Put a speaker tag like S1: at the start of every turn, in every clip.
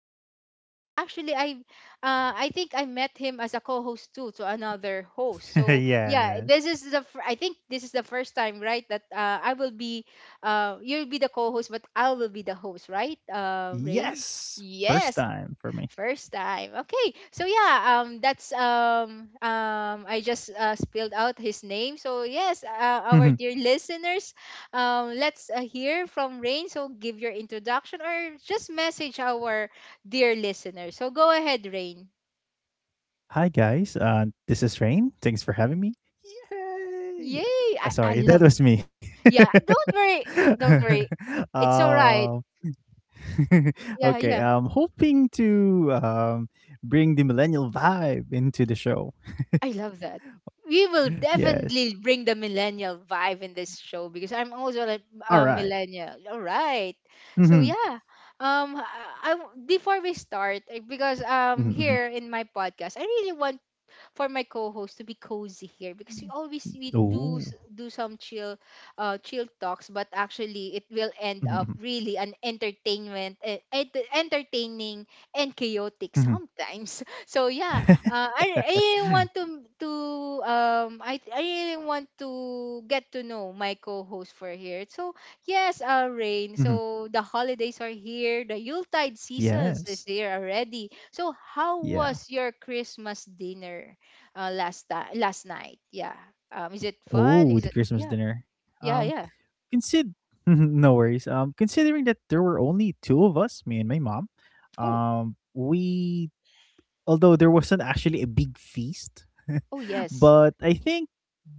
S1: co-host of mine. Actually, I think I met him as a co-host too, to another host. So, yeah, this
S2: Yes.
S1: is the I think this is the first time, right, that I will be you'll be the co-host but I will be the host, right? Uh, Rain?
S2: Yes! First
S1: Yes,
S2: time for me.
S1: first time. Okay. So yeah, that's I just spilled out his name. So yes, our dear listeners, let's hear from Rain. So give your introduction or just message our dear listeners. So go ahead, Rain.
S2: Hi, guys, this is Rain. Thanks for having me.
S1: Yay!
S2: Yay!
S1: I I
S2: Sorry, that
S1: love.
S2: was me.
S1: Yeah, don't worry. Don't worry. It's all right.
S2: Um,
S1: Yeah,
S2: okay,
S1: yeah.
S2: I'm hoping to, bring the millennial vibe into the show.
S1: I love that. We will
S2: Yes.
S1: definitely bring the millennial vibe in this show because I'm also like a
S2: Alright.
S1: millennial. All right. So
S2: Mhm.
S1: yeah. Before we start, eh, because
S2: Mhm, mhm.
S1: here in my podcast I really want for my co-host to be cozy here because we always we do s-
S2: Oh.
S1: do some chill chill talks, but actually it will
S2: Mhm,
S1: end
S2: mhm,
S1: up really an entertainment, entertaining and chaotic
S2: mhm.
S1: sometimes so yeah, I really want to, I really want to get to know my co-host for here. So yes, Rain,
S2: Mhm.
S1: so the holidays are here, the yuletide seasons is
S2: Yes.
S1: here already, so how
S2: Yeah.
S1: was your Christmas dinner last time last night? Yeah. Is it fun?
S2: Oh,
S1: Is
S2: the
S1: it,
S2: Christmas
S1: yeah,
S2: dinner.
S1: yeah, yeah.
S2: Consider No worries. Considering that there were only two of us, me and my mom,
S1: Oh,
S2: we although there wasn't actually a big feast,
S1: oh yes.
S2: but I think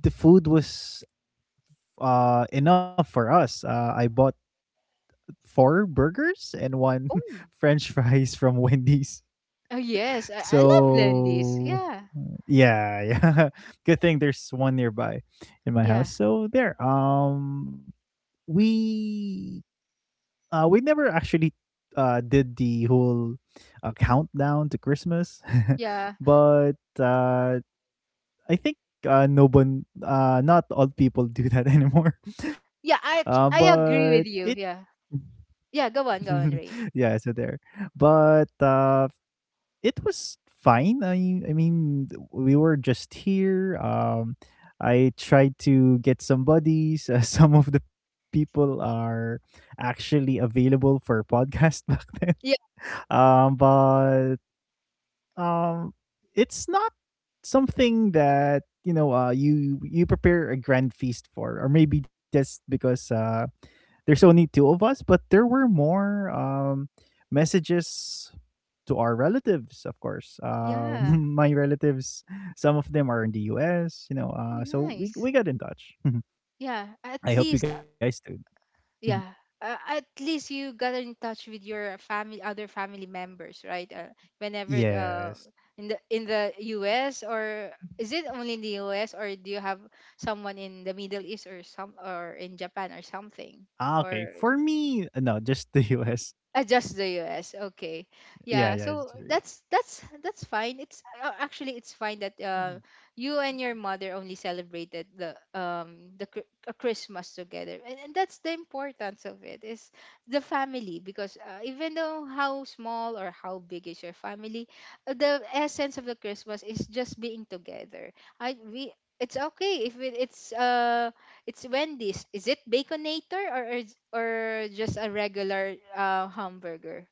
S2: the food was enough for us. I bought four burgers and one
S1: Oh,
S2: French fries from Wendy's.
S1: oh yes. I love Lendi's.
S2: So
S1: Yeah,
S2: yeah, yeah. Good thing there's one nearby in my house.
S1: yeah,
S2: So there. We we never actually did the whole countdown to Christmas.
S1: yeah,
S2: But I think no one not all people do that anymore.
S1: yeah. I
S2: But
S1: agree
S2: it
S1: with you. Yeah, yeah. Go on, go on, Rain.
S2: Yeah, so there. But it was fine. I mean, we were just here. I tried to get some buddies. Some of the people are actually available for podcast back then.
S1: Yeah,
S2: But um, it's not something that you prepare a grand feast for, or maybe just because there's only two of us. But there were more messages to our relatives, of course.
S1: yeah.
S2: My relatives, some of them are in the US.
S1: Oh,
S2: So we
S1: nice.
S2: we got in touch.
S1: Yeah. At
S2: I
S1: least,
S2: hope you guys do. Mhm.
S1: yeah, at least you got in touch with your family, other family members, right, whenever
S2: Yes.
S1: in the US, or is it only in the US or do you have someone in the Middle East or some, or in Japan or
S2: Ah,
S1: something,
S2: okay. For
S1: or
S2: me, no, just the US.
S1: just the US. Okay.
S2: Yeah, yeah.
S1: Yeah,
S2: It's just—
S1: so
S2: yeah.
S1: that's that's fine. It's actually it's fine that
S2: Mhm.
S1: you and your mother only celebrated the Christmas together. And that's the importance of it, is the family, because even though how small or how big is your family, the essence of the Christmas is just being together. I we It's okay if it's it's Wendy's. Is it Baconator, or or just a regular hamburger?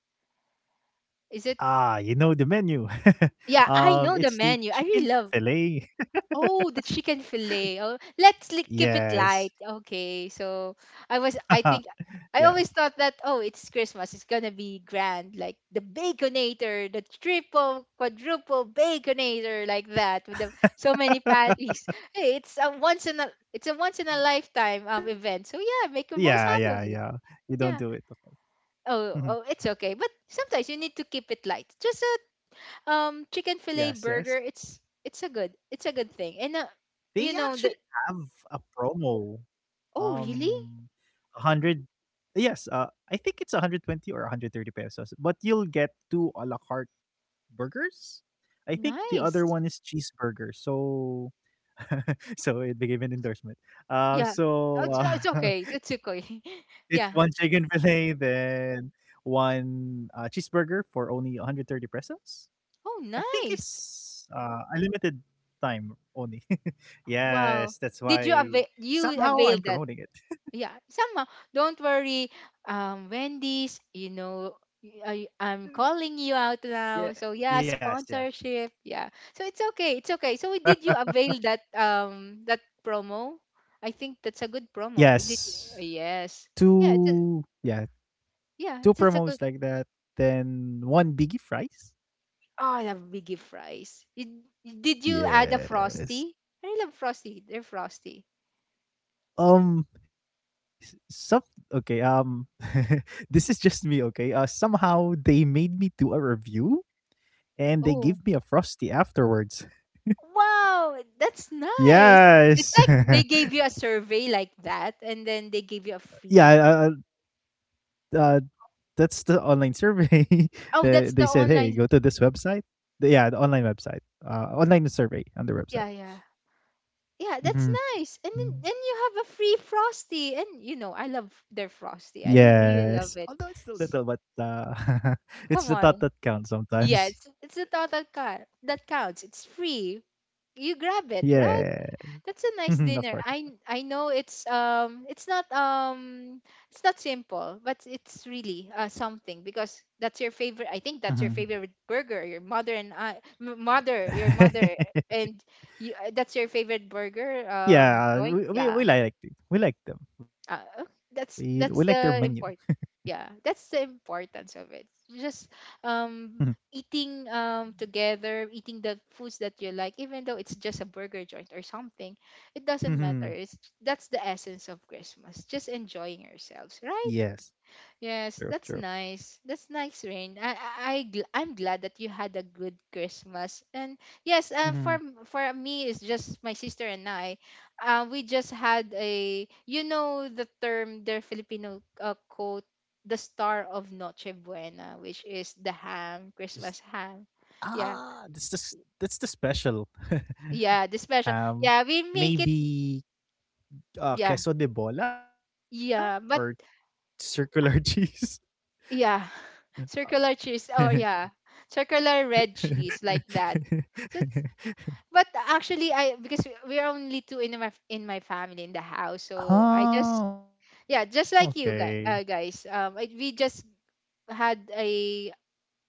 S2: Ah, you
S1: Is it?
S2: know the menu.
S1: Yeah,
S2: It's
S1: I
S2: the
S1: know the
S2: chicken
S1: menu. I really love.
S2: fillet.
S1: Oh, the chicken fillet. Oh, keep it
S2: Yes.
S1: light. Okay, so I was. I think
S2: Yeah.
S1: I always thought that, oh, it's Christmas. It's gonna be grand, like the Baconator, the triple, quadruple Baconator, like that with the, so many patties. Hey, it's a once in a, it's a once in a lifetime
S2: Yeah,
S1: event.
S2: yeah,
S1: So
S2: yeah.
S1: yeah, make the
S2: You
S1: most
S2: don't do
S1: happen.
S2: it.
S1: Of
S2: Of
S1: it.
S2: course.
S1: Yeah.
S2: Mhm.
S1: Oh, oh, it's okay. But sometimes you need to keep it light. Just a
S2: Yes, yes.
S1: chicken fillet burger. It's a good, it's a good thing.
S2: They
S1: And
S2: actually
S1: you
S2: have
S1: know the,
S2: a promo.
S1: oh
S2: Um,
S1: really
S2: 100. Yes, I think it's 120 or 130 pesos, but you'll get two a la carte burgers. I think the other one is
S1: nice.
S2: cheeseburger. So so it became an endorsement. Uh,
S1: Yeah. Oh,
S2: so uh,
S1: it's okay. It's
S2: it's one
S1: okay.
S2: chicken fillet,
S1: yeah.
S2: then one cheeseburger for only 130 pesos. I
S1: Oh,
S2: think it's,
S1: nice.
S2: a limited time only. Yes,
S1: Wow.
S2: that's
S1: Did you
S2: why
S1: avail, you
S2: somehow
S1: avail
S2: I'm
S1: that?
S2: promoting it.
S1: Yeah, somehow,
S2: Yeah,
S1: don't
S2: yes,
S1: worry,
S2: yes.
S1: Wendy's, you know, I'm calling you out now, so yeah, sponsorship. Yeah, so it's okay, it's okay. So did you avail that that promo? I think that's a good promo. Did you,
S2: Yes.
S1: yes, yeah it's a,
S2: Two, yeah,
S1: yeah
S2: two
S1: it's just a good,
S2: promos like that, then one biggie fries.
S1: oh I love biggie fries. You, did you add a Frosty?
S2: Yes.
S1: I love Frosty, they're Frosty,
S2: S- some okay. This is just me. Okay. Somehow they made me do a review and they
S1: oh.
S2: gave me a frosty afterwards.
S1: Wow, that's nice. It's
S2: Yes.
S1: like they gave you a survey like that and then they gave you a
S2: Yeah.
S1: free.
S2: Uh, that's the online survey.
S1: Oh, that's the
S2: They
S1: online.
S2: said, hey, go to this website. Yeah, the online website. Online
S1: Yeah,
S2: survey
S1: yeah.
S2: on the website.
S1: Yeah, that's nice. And then
S2: Mhm.
S1: you have a free
S2: Mm.
S1: Frosty. And you know, I love their Frosty. Really love
S2: Yes.
S1: it.
S2: Although it's still
S1: S-
S2: little, but
S1: come on.
S2: it's the thought that counts
S1: Yes, it's the
S2: sometimes.
S1: thought that counts. It's free. You grab it, right? That's
S2: Yeah.
S1: a nice dinner. I
S2: Mhm, of
S1: I
S2: course.
S1: know it's not simple, but it's really something, because that's your favorite. I think that's your favorite
S2: Mhm.
S1: burger. Your mother and your mother, and you, that's your favorite burger. Joy.
S2: Yeah.
S1: Yeah,
S2: We like it. We like them.
S1: uh,
S2: We
S1: that's
S2: like their menu.
S1: the important, yeah, that's the importance of it. Just um
S2: Mhm.
S1: eating together, eating the foods that you like, even though it's just a burger joint or something, it doesn't matter, it's,
S2: Mhm.
S1: that's the essence of Christmas, just enjoying yourselves,
S2: Yes.
S1: right?
S2: True. True.
S1: Yes, that's nice. That's nice, Rain. I'm glad that you had a good Christmas. And yes, for
S2: Mm-hmm.
S1: for me, it's just my sister and I. We just had a, you know, the term, their Filipino quote, the star of Noche Buena, which is the ham, Christmas ham.
S2: Ah,
S1: Yeah,
S2: that's the that's the special.
S1: yeah, the special.
S2: um,
S1: Yeah, we make it.
S2: Maybe
S1: Yeah,
S2: queso de bola or
S1: yeah, but
S2: circular cheese.
S1: yeah, circular
S2: Oh,
S1: cheese. Oh yeah, circular red cheese like that. So it's, but actually, I, because we're only two in my family in the house, so I just, yeah,
S2: okay.
S1: just like you guys, guys. We just had a,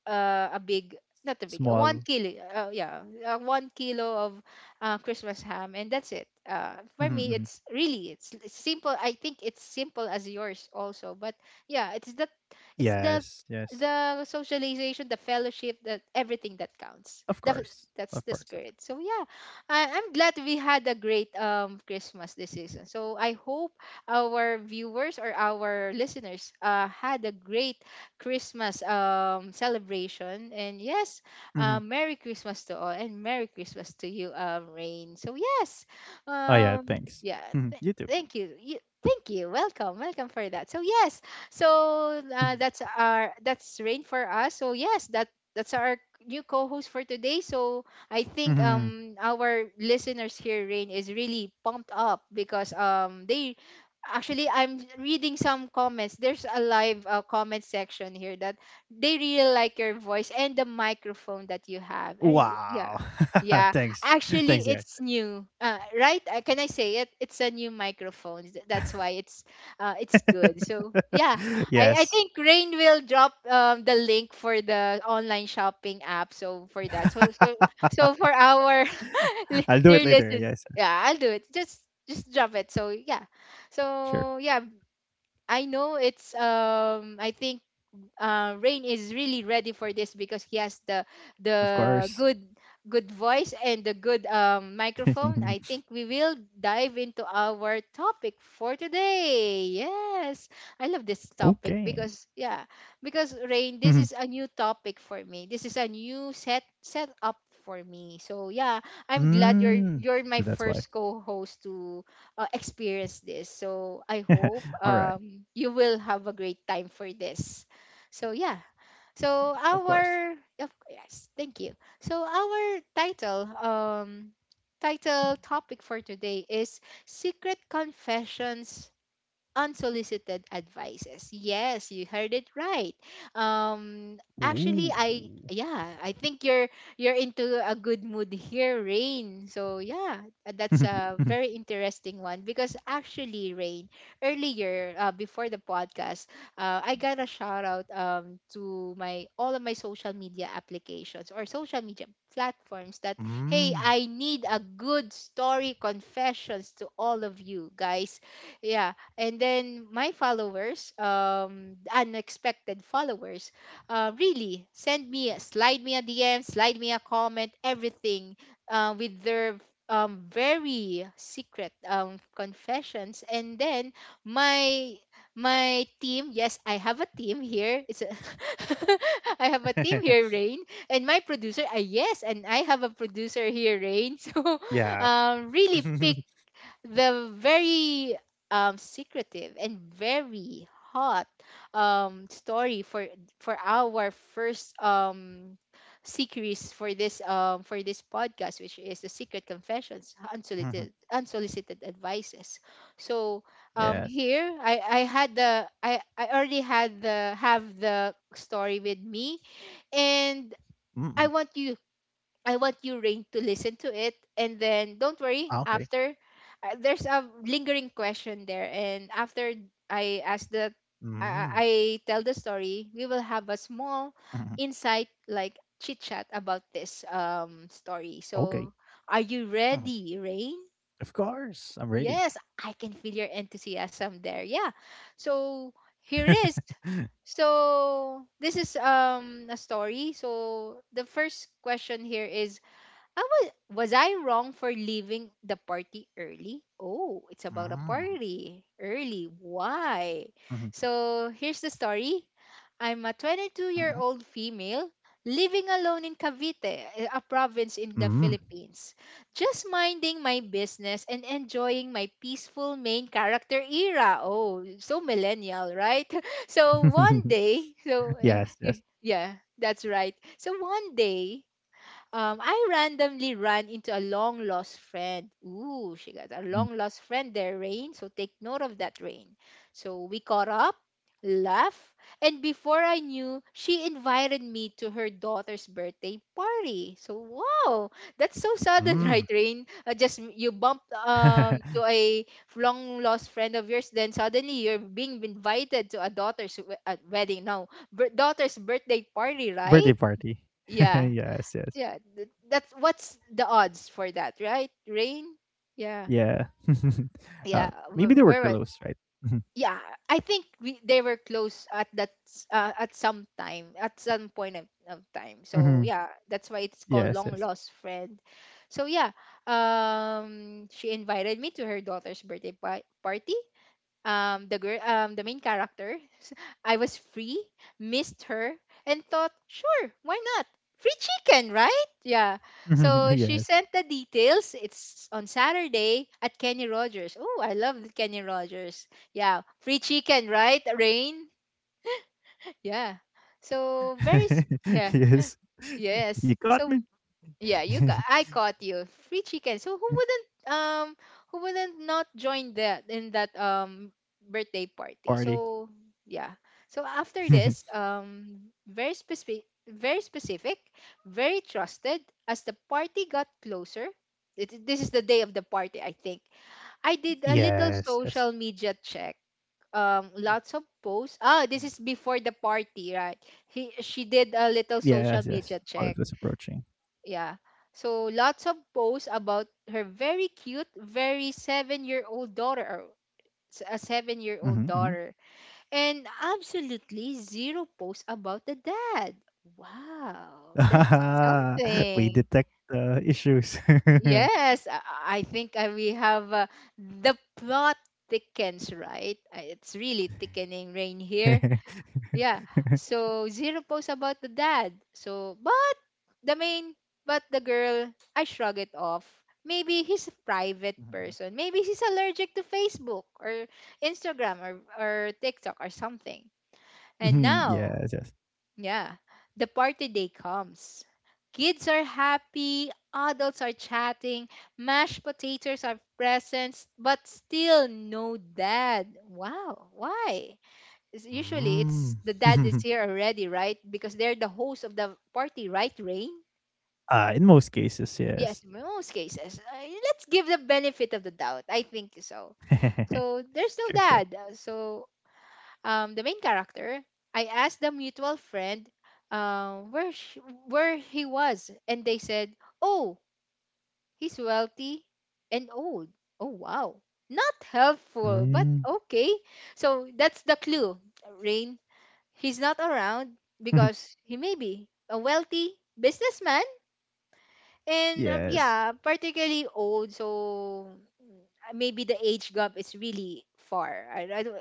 S1: a big, not a big
S2: Small.
S1: 1 kilo, 1 kilo of Christmas ham, and that's it. Uh,
S2: Mhm,
S1: for me
S2: mhm.
S1: it's really, it's simple, I think it's simple as yours also, but yeah, it's that,
S2: Yes,
S1: it's the
S2: yes.
S1: the socialization, the fellowship, that everything that
S2: Of
S1: counts,
S2: course,
S1: the,
S2: of course.
S1: that's the spirit. So yeah, I'm glad we had a great Christmas this season. So I hope our viewers or our listeners had a great Christmas celebration. And yes,
S2: Hmm.
S1: Merry Christmas to all and Merry Christmas to you, Rain. So yes,
S2: Oh yeah, thanks.
S1: yeah,
S2: Mhm,
S1: th-
S2: you too.
S1: thank you. Thank you. Welcome, welcome for that. So yes,
S2: Mhm,
S1: so that's our, that's Rain for us. So yes, that's our new co-host for today. So I think
S2: mhm.
S1: our listeners here, Rain, is really pumped up, because they, actually I'm reading some comments, there's a live comment section here, that they really like your voice and the microphone that you have. Yeah,
S2: Wow.
S1: yeah,
S2: Thanks,
S1: actually
S2: thanks, guys.
S1: it's new right, can I say it, it's a new microphone. That's why it's good. So
S2: Yes.
S1: yeah, I think Rain will drop the link for the online shopping app, so for that, so for our
S2: I'll do
S1: dear
S2: it later.
S1: listen,
S2: Yes, yes.
S1: yeah I'll do it, just drop it, so yeah,
S2: Sure.
S1: so yeah, I know it's um, I think Rain is really ready for this because he has the,
S2: Of course.
S1: the good good voice and the good microphone. I think we will dive into our topic for today. Yes, I
S2: Okay.
S1: love this topic because yeah, because Rain,
S2: Mhm.
S1: this is a new topic for me. This is a new set up for me. So yeah, I'm glad
S2: Mm.
S1: you're my
S2: So that's
S1: first
S2: why.
S1: co-host to experience this. So I hope
S2: All right.
S1: you will have a great time for this. So yeah.
S2: Of course.
S1: So our, of, yes, thank you. So our title um, title topic for today is secret confessions, unsolicited advices. Yes, you heard it right.
S2: Ooh.
S1: Um, actually I, yeah, I think you're into a good mood here, Rain. So yeah,
S2: Mhm,
S1: that's
S2: mhm.
S1: a very interesting one because actually, Rain, earlier before the podcast, I got a shout out to my all of my social media applications or social media platforms that
S2: Mm.
S1: hey, I need a good story confessions to all of you guys, yeah. And then my followers, unexpected followers, uh, really
S2: Mhm.
S1: send me a- slide me a DM, slide me a comment, everything, with their very secret confessions. And then my my team, yes, I have a team here. It's a I have a team here, Rain. And my producer, yes, and I have a producer here, Rain. So
S2: Yeah.
S1: really pick the very secretive and very hot story for our first series for this podcast, which is the secret confessions
S2: Mhm.
S1: unsolicited unsolicited advices. So
S2: Yes.
S1: here I had the I already had the have the story with me, and
S2: Mm.
S1: I want you, I want you, Rain, to listen to it. And then don't
S2: Ah,
S1: worry,
S2: okay.
S1: after there's a lingering question there. And after I ask
S2: Mm.
S1: the, I tell the story, we will have a
S2: Mhm,
S1: small insight, like chit chat about this story.
S2: okay.
S1: So are you
S2: Mhm.
S1: ready, Rain?
S2: Of course. I'm ready.
S1: Yes, I can feel your enthusiasm there. Yeah. So
S2: Mhm.
S1: here is. So this is a story. So the first question here is was I wrong for leaving the party early? Oh, it's about a
S2: Mm.
S1: party. Early.
S2: Mhm,
S1: Why? So here's the story. I'm a
S2: mhm, mhm.
S1: 22-year-old female living alone in Cavite, a province in the
S2: Mm.
S1: Philippines, just minding my business and enjoying my peaceful main character era. Oh, so millennial, right? So one
S2: Yes, yes.
S1: day, so yeah, that's right. So one day, I randomly ran into a long lost friend. Ooh, she got a long lost friend there, Rain. So take note of that, Rain. So we caught up, laughed, and before I knew, she invited me to her daughter's birthday party. So wow, that's
S2: Mm.
S1: so sudden, right, Rain? Just m- you bumped to a long lost friend of yours, then suddenly you're being invited to a daughter's we- wedding. No, bir- daughter's
S2: Birthday
S1: birthday party,
S2: party.
S1: right?
S2: Yes, yes.
S1: Yeah, yeah, th- that's what's the odds for that, right, Rain?
S2: Yeah.
S1: Yeah.
S2: uh,
S1: Yeah,
S2: Maybe they were
S1: wh-
S2: close,
S1: where was.
S2: right? Mhm.
S1: Yeah, I think we they were close at that s- at some time, at some point of
S2: Mhm.
S1: time, so yeah,
S2: Yes,
S1: that's why
S2: yes.
S1: it's called long lost friend. So yeah, she invited me to her daughter's birthday pa- party. The girl, the main character s-, I was free, missed her, and thought sure why not, free chicken, right? Yeah.
S2: Mhm.
S1: So she
S2: Yes.
S1: sent the details. It's on Saturday at Kenny Rogers. Oh, I love Kenny Rogers. Yeah, free chicken, right, Rain? Yeah. So very s- yeah.
S2: Yes. You
S1: Yes.
S2: got
S1: So
S2: me.
S1: yeah, you ca- I caught you. Free chicken. So um who wouldn't not join that in that birthday party?
S2: Party.
S1: So yeah. So after this, very specific, very specific, very trusted, as the party got closer. It, this is the day of the party, I think. I did a little
S2: Yes, yes.
S1: social media check.
S2: Mhm.
S1: Lots of posts. Ah, this is before the party, right? He, she
S2: Yes,
S1: did a
S2: yes.
S1: little
S2: While it was
S1: social media
S2: approaching.
S1: check. Yeah. So lots of posts about her very cute, very 7 year old daughter, or s- a seven
S2: Hmm,
S1: year
S2: hmm.
S1: old daughter, and absolutely zero posts about the dad. Wow, that's
S2: We detect
S1: something.
S2: the issues.
S1: Yes, I think we have the plot thickens, right? It's really thickening, Rain, here. Yeah. So zero posts about the dad. So but the main, but the girl, I shrug it off. Maybe he's a
S2: Mhm,
S1: private
S2: mhm.
S1: person. Maybe he's allergic to Facebook or Instagram, or TikTok or something. And
S2: Mhm,
S1: now,
S2: yes, yes.
S1: yeah, the party day comes. Kids are happy, adults are chatting, mashed potatoes are presents, but still no dad. Wow, why? Is-
S2: Mm.
S1: usually it's the dad is here already, right? Because they're the host of the party, right, Rain?
S2: In most cases,
S1: Yes,
S2: yes.
S1: most cases. Let's give the benefit of the doubt. I think so. So there's no
S2: Sure,
S1: dad.
S2: sure.
S1: So the main character, I asked the mutual friend where sh- where he was, and they said, "Oh, he's wealthy and old." Oh wow, not helpful, but
S2: Mm.
S1: okay. So that's the clue, Rain. He's not around because he may be a wealthy businessman and yeah,
S2: Yes.
S1: particularly old. So maybe the age gap is really far. I don't.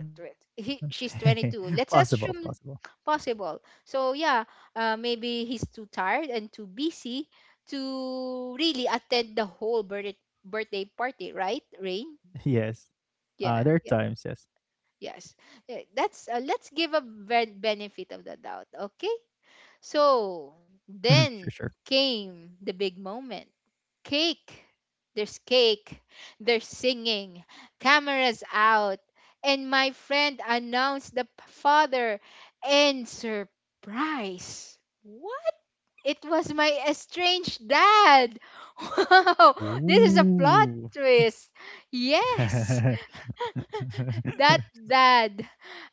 S1: He, she's 22. Let's
S2: Possible,
S1: assume
S2: possible.
S1: possible. So yeah, maybe he's too tired and too busy to really attend the whole birthday birthday party, right, Rain?
S2: Yes.
S1: Yeah, yeah,
S2: There are times, yes.
S1: yes. Yeah, that's let's give a ben- benefit of the doubt, okay? So
S2: Sure,
S1: then
S2: sure.
S1: came the big moment, cake. There's cake, there's singing, cameras out, and my friend announced the p- father, and surprise! What? It was my estranged dad! Wow! This is a plot twist!
S2: Ooh.
S1: Yes! That dad,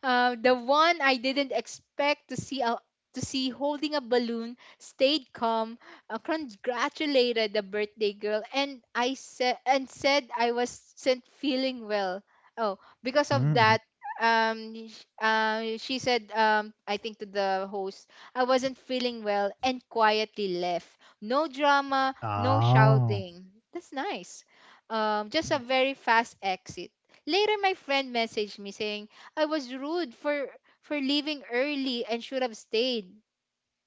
S1: the one I didn't expect to see a, to see holding a balloon, stayed calm, congratulated the birthday girl, and I said and said I wasn't feeling well. Oh, because of that,
S2: Mhm.
S1: sh- she said, I think to the host, I wasn't feeling well, and quietly left. No drama, no shouting. That's
S2: Oh.
S1: nice. Just a very fast
S2: Mhm.
S1: exit. Later, my friend messaged me saying I was rude for leaving early and should have stayed.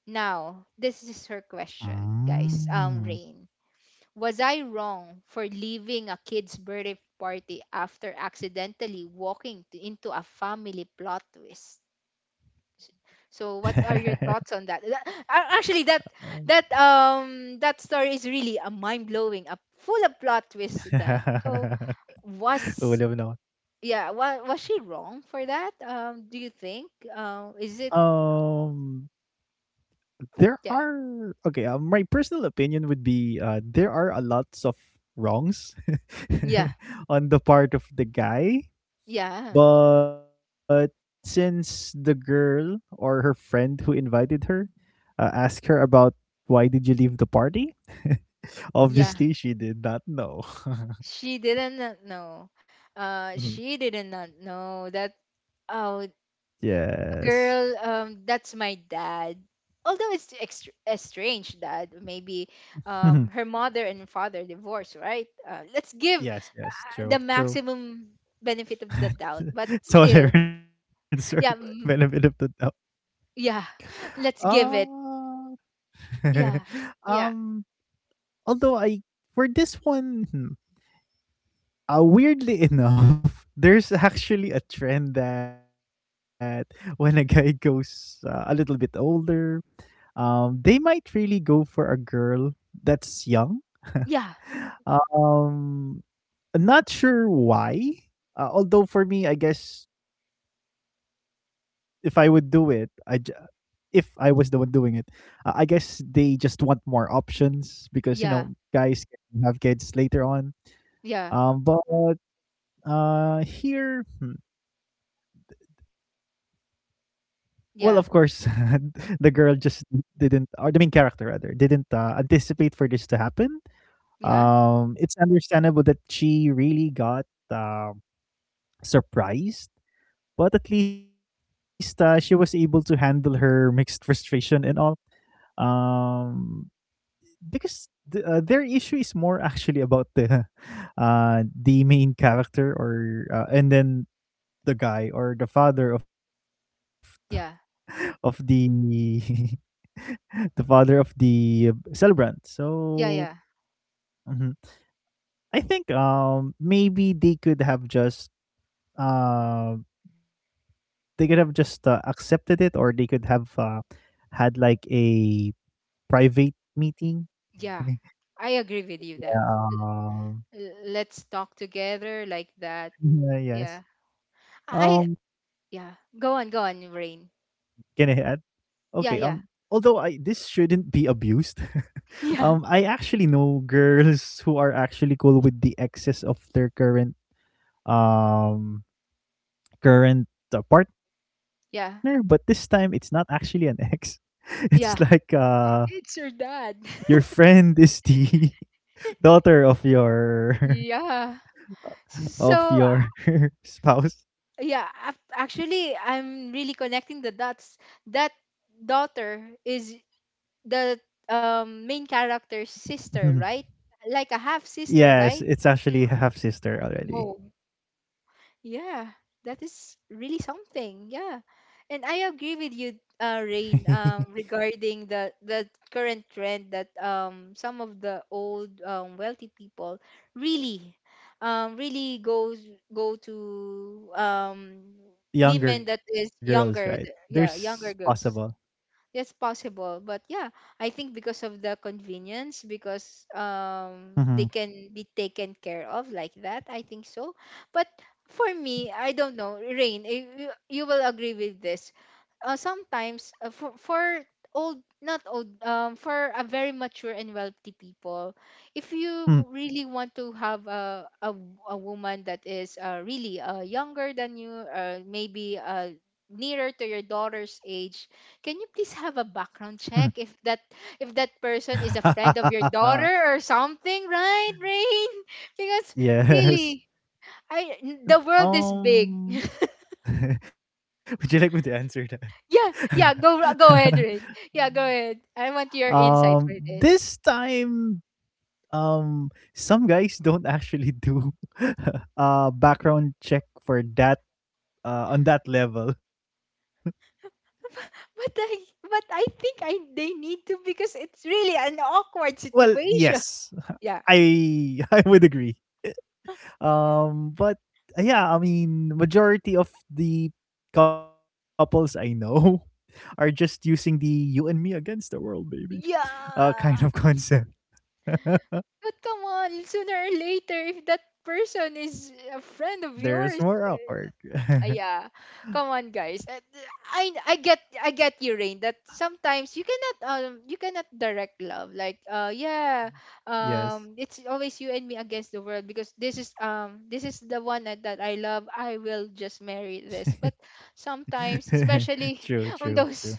S1: Now, this is her question, guys. Rain,
S2: Mm.
S1: was I wrong for leaving a kid's birthday party after accidentally walking t- into a family plot twist? So, what are your thoughts on that? Tha- a- actually, that that that story is really a mind blowing, a full of plot twist. That so was, yeah,
S2: Ulam na
S1: wa-
S2: ako.
S1: was she wrong for that, do you think, is it?
S2: Um,
S1: Yeah.
S2: there are okay my personal opinion would be there are a lots of wrongs
S1: Yeah.
S2: on the part of the guy
S1: Yeah.
S2: but since the girl or her friend who invited her asked her about why did you leave the party,
S1: Yeah,
S2: obviously she did not know.
S1: she didn't not know. Uh,
S2: Mhm.
S1: she didn't not know that. Oh,
S2: Yes.
S1: girl, that's my dad. Although it's extr estranged dad, maybe
S2: Mhm.
S1: her mother and father divorced, right? Uh, let's give
S2: Yes, yes, true,
S1: the
S2: true.
S1: maximum benefit of the doubt, but still.
S2: Tolerance or benefit
S1: Yeah.
S2: of the doubt.
S1: Mm, yeah. Let's give it.
S2: uh
S1: Yeah. Yeah.
S2: um, Although I— for this one, hmm, weirdly enough, there's actually a trend that when a guy goes a little bit older, they might really go for a girl that's young.
S1: Yeah.
S2: Um, Not sure why. Although for me, I guess if I would do it, I— if I was the one doing it. I guess they just want more options because you know guys
S1: Yeah.
S2: can have kids later on. Um,
S1: Yeah,
S2: but uh, here, hmm, well, of course, the girl
S1: yeah,
S2: just didn't, or the main character rather, didn't anticipate for this to happen.
S1: yeah,
S2: It's understandable that she really got um surprised, but at least she was able to handle her mixed frustration and all um because the, their issue is more actually about the the main character or and then the guy or the father of
S1: yeah,
S2: the the father of the celebrant. So
S1: yeah, yeah,
S2: mhm. I think maybe they could have just uh they could have just accepted it, or they could have had like a private meeting. Yeah.
S1: yeah. I agree with you that
S2: um,
S1: L- let's talk together like that.
S2: yeah,
S1: Yeah,
S2: yes.
S1: I
S2: Um,
S1: yeah. Go on,
S2: can
S1: go
S2: I
S1: on,
S2: add?
S1: Rain.
S2: Okay. Although
S1: Yeah,
S2: I—
S1: yeah,
S2: this shouldn't be abused. I
S1: yeah,
S2: actually know girls who are actually cool with the exes of their current um current partner, but this time it's
S1: yeah,
S2: not actually an ex. It's like
S1: yeah. It's your
S2: your
S1: dad.
S2: friend is the daughter of your
S1: Yeah. So
S2: of your spouse.
S1: yeah, ac- actually, I'm really connecting the dots. That daughter is the main character's sister, right? Like a half
S2: Yes, it's
S1: sister, right?
S2: actually half sister already.
S1: Whoa. Yeah, that is really something. Yeah. And I agree with you, Rain, regarding the current trend that some of the old wealthy people really really goes, go to
S2: Younger girls,
S1: women
S2: right?
S1: that is
S2: There's
S1: younger, th-
S2: possible.
S1: yeah, younger girls. Yes, possible. But yeah, I think because of the convenience, because
S2: Mhm.
S1: they can be taken care of like that. I think so. But for me, I don't know, Rain, eh, you will agree with this, sometimes for old, not old, for a very mature and wealthy people, if
S2: Mhm.
S1: you really want to have a woman that is really younger than you, maybe nearer to your daughter's age, can you please
S2: Mhm.
S1: have a background check if that person is a friend of your daughter or something, right, Rain? Because
S2: Yes.
S1: really, I the world is big.
S2: Um, would you like me to answer that?
S1: Yeah, yeah, go, go ahead, Rin. Yeah, go ahead. I want your insights for
S2: This
S1: this.
S2: time, some guys don't actually do a background check for that, on that level.
S1: But I, but I think I they need to because it's really an
S2: Well,
S1: awkward
S2: yes,
S1: situation. Yeah.
S2: I I would agree. But yeah, I mean, majority of the couples I know are just using the "you and me against the world, baby" kind of
S1: Yeah.
S2: concept.
S1: But come on, sooner or later if that person is a friend of
S2: There's
S1: yours,
S2: more
S1: uh,
S2: awkward.
S1: uh, yeah. Come on, guys. I get, I get you, Rain. That sometimes you cannot direct love. Like yeah,
S2: Yes.
S1: it's always you and me against the world because this is the one that, that I love. I will just marry this. But sometimes,
S2: True, true,
S1: especially
S2: true.
S1: on those,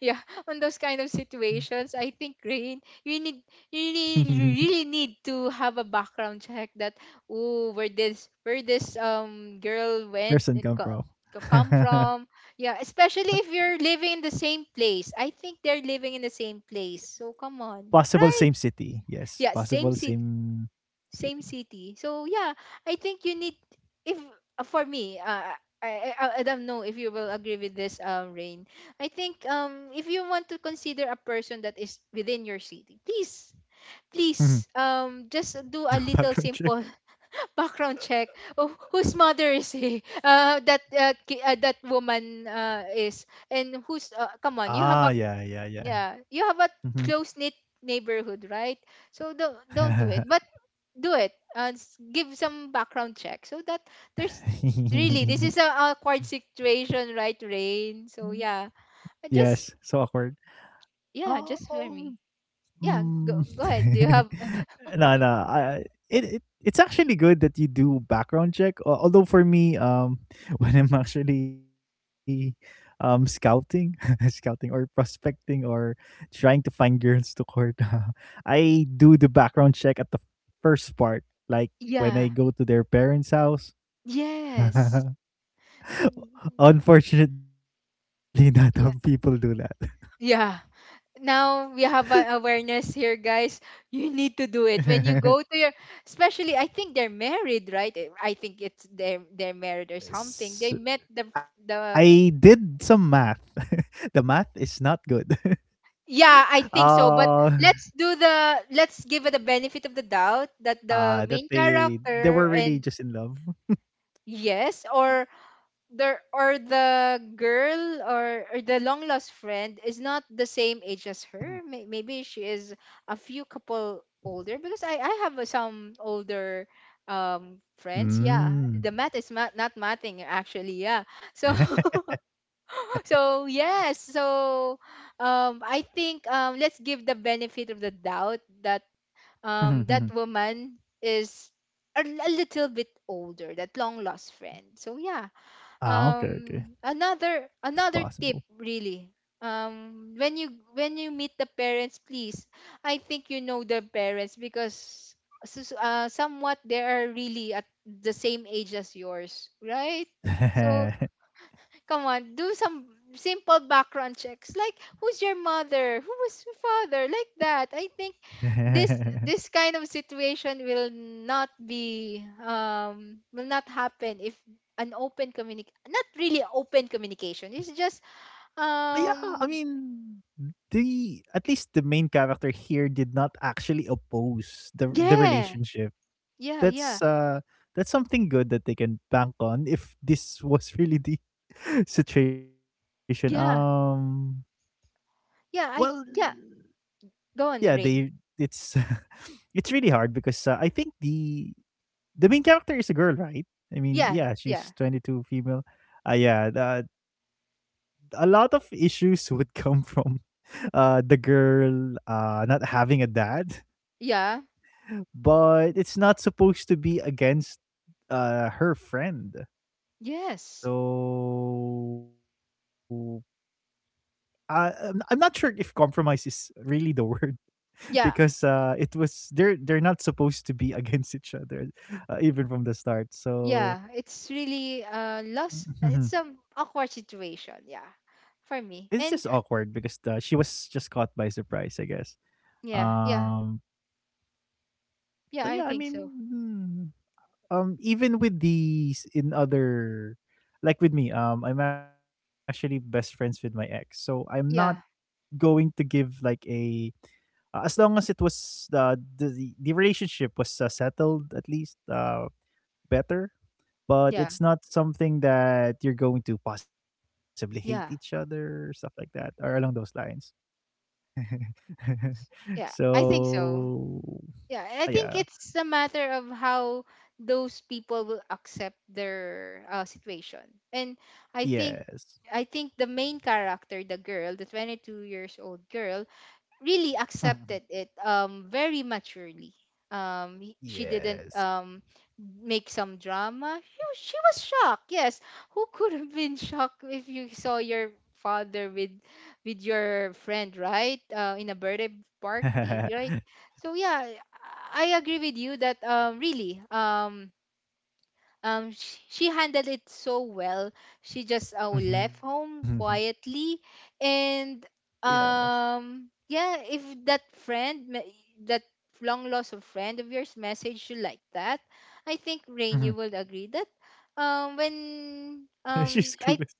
S1: yeah, on those kind of situations, I think, Rain, you need, you really really need to have a background check that oh where this, where this girl went,
S2: Person
S1: it
S2: come
S1: co-
S2: from.
S1: co- come from. Yeah, especially if you're living in the same place. I think they're living in the same place, so come on,
S2: Possible
S1: right?
S2: same city.
S1: Yeah,
S2: Yes,
S1: same
S2: possible same
S1: same
S2: city.
S1: city. So yeah, I think you need if for me, I, I don't know if you will agree with this, Rain. I think if you want to consider a person that is within your city, please. Please,
S2: Mhm.
S1: just do a
S2: Do
S1: little
S2: a
S1: simple
S2: background check.
S1: background check of whose mother is he, that ki- that woman is, and who's. Come on, you have a
S2: Ah, yeah, yeah, yeah.
S1: yeah, you have a close
S2: Mhm.
S1: knit neighborhood, right? So don't do it. But do it s- give some background check so that there's really this is a awkward situation, right, Rain? So yeah, I
S2: Yes,
S1: just,
S2: so awkward.
S1: yeah, just for me.
S2: Um,
S1: Yeah, go, go ahead, do you have.
S2: mm, no, no. It, it's actually good that you do background check. Although for me, when I'm actually scouting, scouting or prospecting or trying to find girls to court, I do the background check at the first part, like when I
S1: Yeah.
S2: go to their parents' house.
S1: Yes.
S2: Unfortunately, not all people do.
S1: Yeah. Yeah. Now we have an awareness here, guys. You need to do it when you go to your, especially I think they're married, right? I think it's they're married or something. They met
S2: S-
S1: the the.
S2: I did some math. The math is not good.
S1: Yeah, I think so. But
S2: uh,
S1: let's do the, let's give it the benefit of the doubt that the
S2: that
S1: main
S2: they
S1: character
S2: were really
S1: and
S2: just in love.
S1: yes, or the girl or the long lost friend is not the
S2: Mhm.
S1: same age as her. Maybe she is a few couple older because I have some older friends. Yeah,
S2: Mm.
S1: the math is not mathing actually. Yeah, so so yes, so I think let's give the benefit of the doubt that
S2: Mhm, mhm.
S1: that woman is a little bit older, that long lost friend. So yeah,
S2: Ah, okay, okay.
S1: um
S2: It's
S1: another
S2: possible.
S1: another tip, really. When you meet the parents, please, I think you know the parents because somewhat they are really at the same age as yours, right? So come on, do some simple background checks. Like, who's your mother? Who was your father? Like that. I think this kind of situation will not be will not happen if an open communic not really open communication. It's just
S2: But yeah, I
S1: um
S2: mean, the— at least the main character here did not actually oppose the
S1: yeah.
S2: relationship.
S1: Yeah, yeah.
S2: That's that's something good that they can bank on if this was really the situation.
S1: Yeah.
S2: Well
S1: Yeah, I yeah. Go
S2: yeah,
S1: on,
S2: they
S1: Rain.
S2: it's it's really hard because I think the main character is a girl, right? I mean,
S1: Yeah,
S2: yeah,
S1: yeah.
S2: she's 22 female. Uh, yeah, the, a lot of issues would come from the girl not having a dad,
S1: Yeah.
S2: but it's not supposed to be against her friend.
S1: Yes.
S2: So, I'm— I'm not sure if compromise is really the word, because
S1: Yeah,
S2: it was— they're not supposed to be against each other, even from the start. So
S1: yeah, it's really lost. It's some awkward situation. Yeah,
S2: it's just
S1: for
S2: awkward
S1: me.
S2: because
S1: And
S2: she was just caught by surprise, I guess.
S1: yeah,
S2: Um,
S1: yeah,
S2: but yeah, I
S1: yeah. I
S2: mean,
S1: think so.
S2: hmm, even with these in other, like with me, I'm actually best friends with my ex, so I'm not
S1: Yeah,
S2: going to give like a— as long as it was the relationship was settled at least better, but
S1: yeah,
S2: it's not something that you're going to possibly hate each
S1: yeah,
S2: other or stuff like that or along those lines.
S1: Yeah. I think
S2: So
S1: so. Yeah, and I
S2: yeah,
S1: think it's a matter of how those people will accept their situation. And I think
S2: yes.
S1: I think the main character, the girl, the 22 years old girl, really
S2: Mhm.
S1: accepted it very maturely. She didn't
S2: Yes.
S1: make some drama. She was shocked, yes. Who could have been shocked if you saw your father with your friend, right, in a birthday party, right? So yeah, I agree with you that really she handled it so well. She just left
S2: Mhm.
S1: home quietly. And
S2: Yes.
S1: yeah, if that that long lost of friend of yours messaged you like that, I think, Rain,
S2: Mhm.
S1: you will agree that when
S2: She's
S1: I
S2: clueless.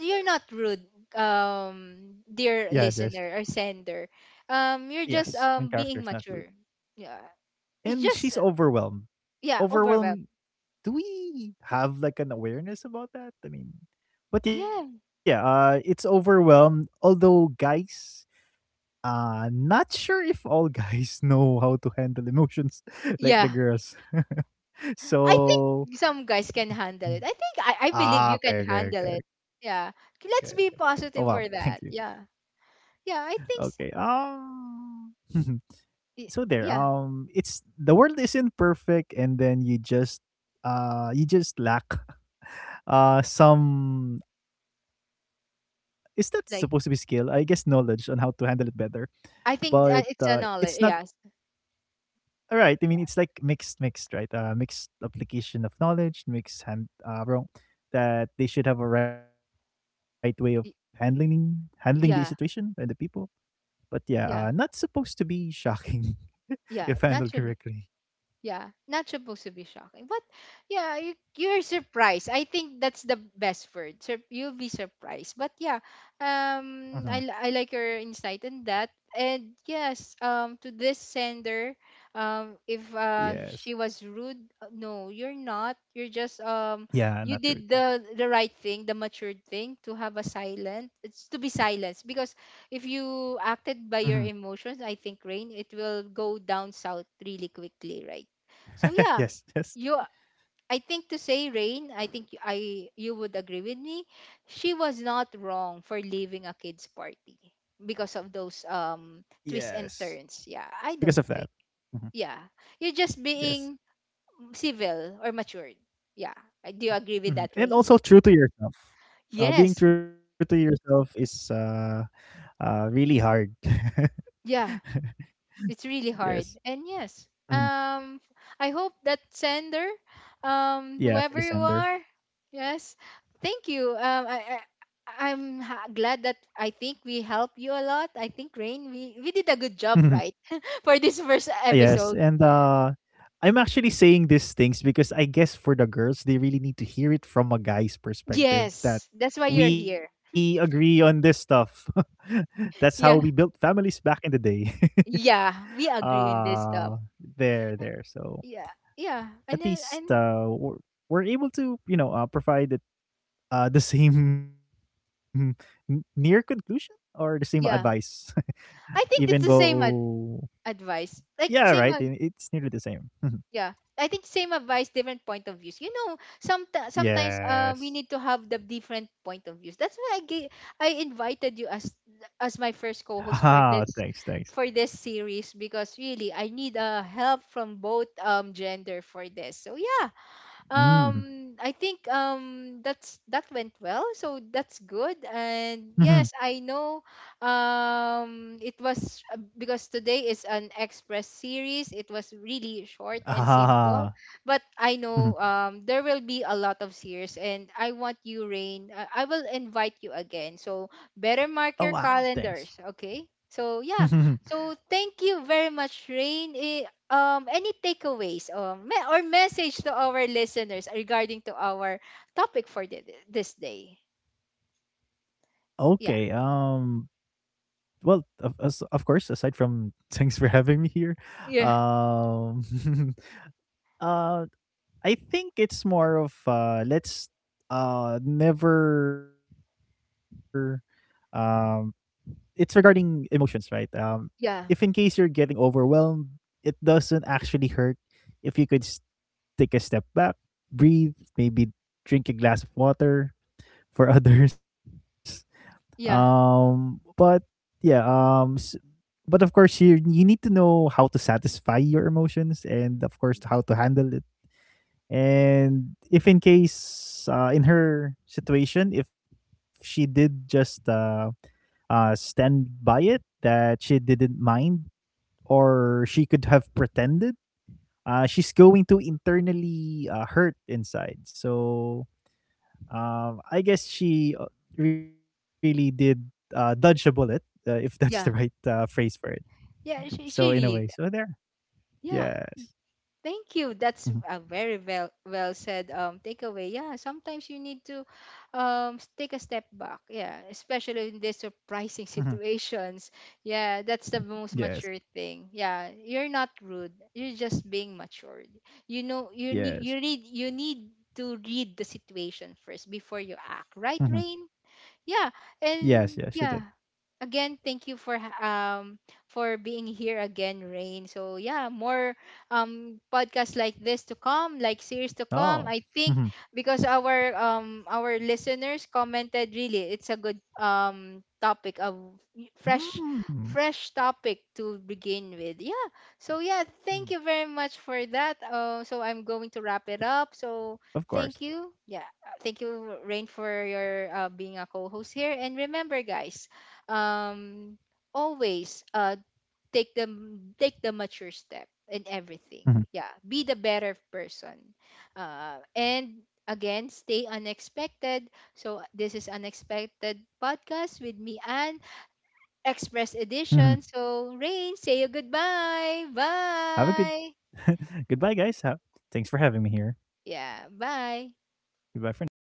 S1: you're not rude,
S2: Yes,
S1: dear
S2: yes,
S1: listener or sender, you're
S2: yes.
S1: just
S2: Main character is
S1: being
S2: not rude,
S1: mature. Yeah, it's
S2: and she's
S1: just
S2: overwhelmed.
S1: yeah overwhelmed.
S2: Overwhelmed— do we have like an awareness about that? I mean,
S1: Yeah,
S2: but yeah, it's overwhelmed. Although guys, not sure if all guys know how to handle emotions
S1: yeah,
S2: like the girls.
S1: I think some
S2: So
S1: guys can handle it. I think I believe you can
S2: ah, okay,
S1: handle
S2: okay,
S1: it.
S2: okay, okay,
S1: Yeah.
S2: okay. Oh
S1: Let's
S2: wow,
S1: be
S2: thank you.
S1: positive for that. Yeah. Yeah, I
S2: Okay,
S1: think
S2: so
S1: y-
S2: there
S1: yeah,
S2: it's— the world isn't perfect and then you just lack some— is that supposed to be skill, I guess, knowledge on
S1: like
S2: how to handle it better. But
S1: I think
S2: it's
S1: it's
S2: not—
S1: a knowledge. Yes.
S2: all right, I mean, it's
S1: Yeah.
S2: like mixed— mixed, right? Mixed application of knowledge, mixed hand— wrong that they should have a right way of handling—
S1: y-
S2: handling the situation and the
S1: Yeah.
S2: people. But yeah, not
S1: Yeah.
S2: supposed to be shocking if
S1: Yeah.
S2: handled
S1: Naturally.
S2: correctly.
S1: Yeah, not supposed to be shocking. But yeah, you're surprised. I think that's the best word. You'll be surprised. But yeah,
S2: Mhm.
S1: I like your insight in that. And yes, to this sender, if
S2: Yes.
S1: she was rude, no, you're not. You're just
S2: Yeah, not true,
S1: you
S2: not
S1: did
S2: true.
S1: the right thing, the matured thing, to have a silent. It's to be silenced because if you
S2: Mhm.
S1: acted by your emotions, I think, Rain, it will go down south really quickly, right? So
S2: Yes,
S1: yeah,
S2: yes.
S1: you, I think to say Rain, I think y- I you would agree with me. She was not wrong for leaving a kids party because of those
S2: Yes.
S1: twists and
S2: Because of
S1: turns.
S2: that.
S1: Yeah, I don't
S2: Mhm.
S1: think. Yeah, you're
S2: Yes.
S1: just being civil or matured. Yeah, I- do you
S2: Mhm,
S1: agree
S2: and
S1: with that,
S2: also
S1: Rain?
S2: true to yourself. Being true
S1: Yes.
S2: to yourself is, really hard.
S1: Yeah. It's really
S2: Yes.
S1: hard, and yes,
S2: Mhm.
S1: I hope that sender,
S2: Yeah, for
S1: whoever
S2: the
S1: you
S2: sender.
S1: are, yes, thank you. I glad that I think we help you a lot. I think, Rain, we did a good job, right? For this first
S2: Yes, and,
S1: episode.
S2: I'm actually saying these things because I guess for the girls, they really need to hear it from a guy's perspective that
S1: Yes, that's why you're
S2: we
S1: here.
S2: agree on this stuff. That's how we built
S1: Yeah.
S2: families back in the day.
S1: Yeah, we agree in this
S2: uh,
S1: stuff.
S2: there, there. So
S1: Yeah. Yeah. And
S2: at
S1: then and
S2: least we're able to, you know, provide it, the same near conclusion or the same advice,
S1: yeah.
S2: even
S1: I think it's the same
S2: though,
S1: advice.
S2: yeah,
S1: Like
S2: right.
S1: same
S2: It's nearly the same.
S1: Yeah. I think same advice, different point of views. You know, some sometimes we
S2: Yes.
S1: need to have the different point of views. That's why I gave, I invited you as my first
S2: Ah,
S1: co-host
S2: thanks, thanks.
S1: for this series because really I need help from both gender for this. So yeah,
S2: Mm.
S1: I think that's that went well, so that's good.
S2: Mhm.
S1: And yes, I know it was because today is an express series, it was really short and simple.
S2: Ah.
S1: But I know
S2: Mhm.
S1: there will be a lot of series, and I want you, Rain, I will invite you again, so better mark
S2: Oh
S1: your
S2: wow,
S1: calendars,
S2: thanks.
S1: okay? So yeah, so thank you very much, Rain. Eh, any takeaways, or message to our listeners regarding to our topic for the, this day. Yeah,
S2: Okay. Well, of course, aside from thanks for having me here,
S1: yeah,
S2: um uh I think it's more of let's never um it's regarding emotions, right? If in case
S1: yeah,
S2: you're getting overwhelmed, it doesn't actually hurt if you could take a step back, breathe, maybe drink a glass of water for others.
S1: yeah,
S2: But yeah, but of course you you need to know how to satisfy your emotions and of course how to handle it. And if in case in her situation, if she did just stand by it that she didn't mind, or she could have pretended she's going to internally hurt inside. So I guess she really did dodge a bullet, if that's the right
S1: yeah,
S2: phrase for it.
S1: yeah,
S2: So in a
S1: she
S2: way, so
S1: really
S2: there.
S1: yeah.
S2: Yes.
S1: Thank you.
S2: Mhm,
S1: That's a very well well said takeaway. Yeah, sometimes you need to take a step back. Yeah, especially in these
S2: mhm,
S1: surprising situations.
S2: mhm.
S1: Yeah, that's the
S2: Yes.
S1: most mature thing. Yeah, you're not rude. You're just being matured. You know, you
S2: Yes.
S1: need you need you need to read the situation first before you act. Right,
S2: Mhm.
S1: Rain? Yeah,
S2: Yes. Yes. She did.
S1: and yeah, again, thank you for for being here again, Rain. So yeah, more podcasts like this to come, like series to come,
S2: Oh.
S1: I think,
S2: Mhm.
S1: because our listeners commented really it's a good topic of fresh
S2: Mm,
S1: fresh topic to begin with. Yeah, so yeah,
S2: mhm.
S1: thank you very much for that. So I'm going to wrap it up. So
S2: Of
S1: thank
S2: course.
S1: you, yeah, thank you, Rain, for your being a co-host here. And remember, guys, um always take the take the mature step in everything.
S2: Mhm,
S1: Yeah, be the better person. Uh, and again, stay unexpected. So this is Unexpected Podcast with me, and express
S2: mhm.
S1: edition. So Rain, say you goodbye,
S2: Have a good.
S1: bye.
S2: Goodbye, guys. Thanks for having me here.
S1: Yeah, bye.
S2: Goodbye for now.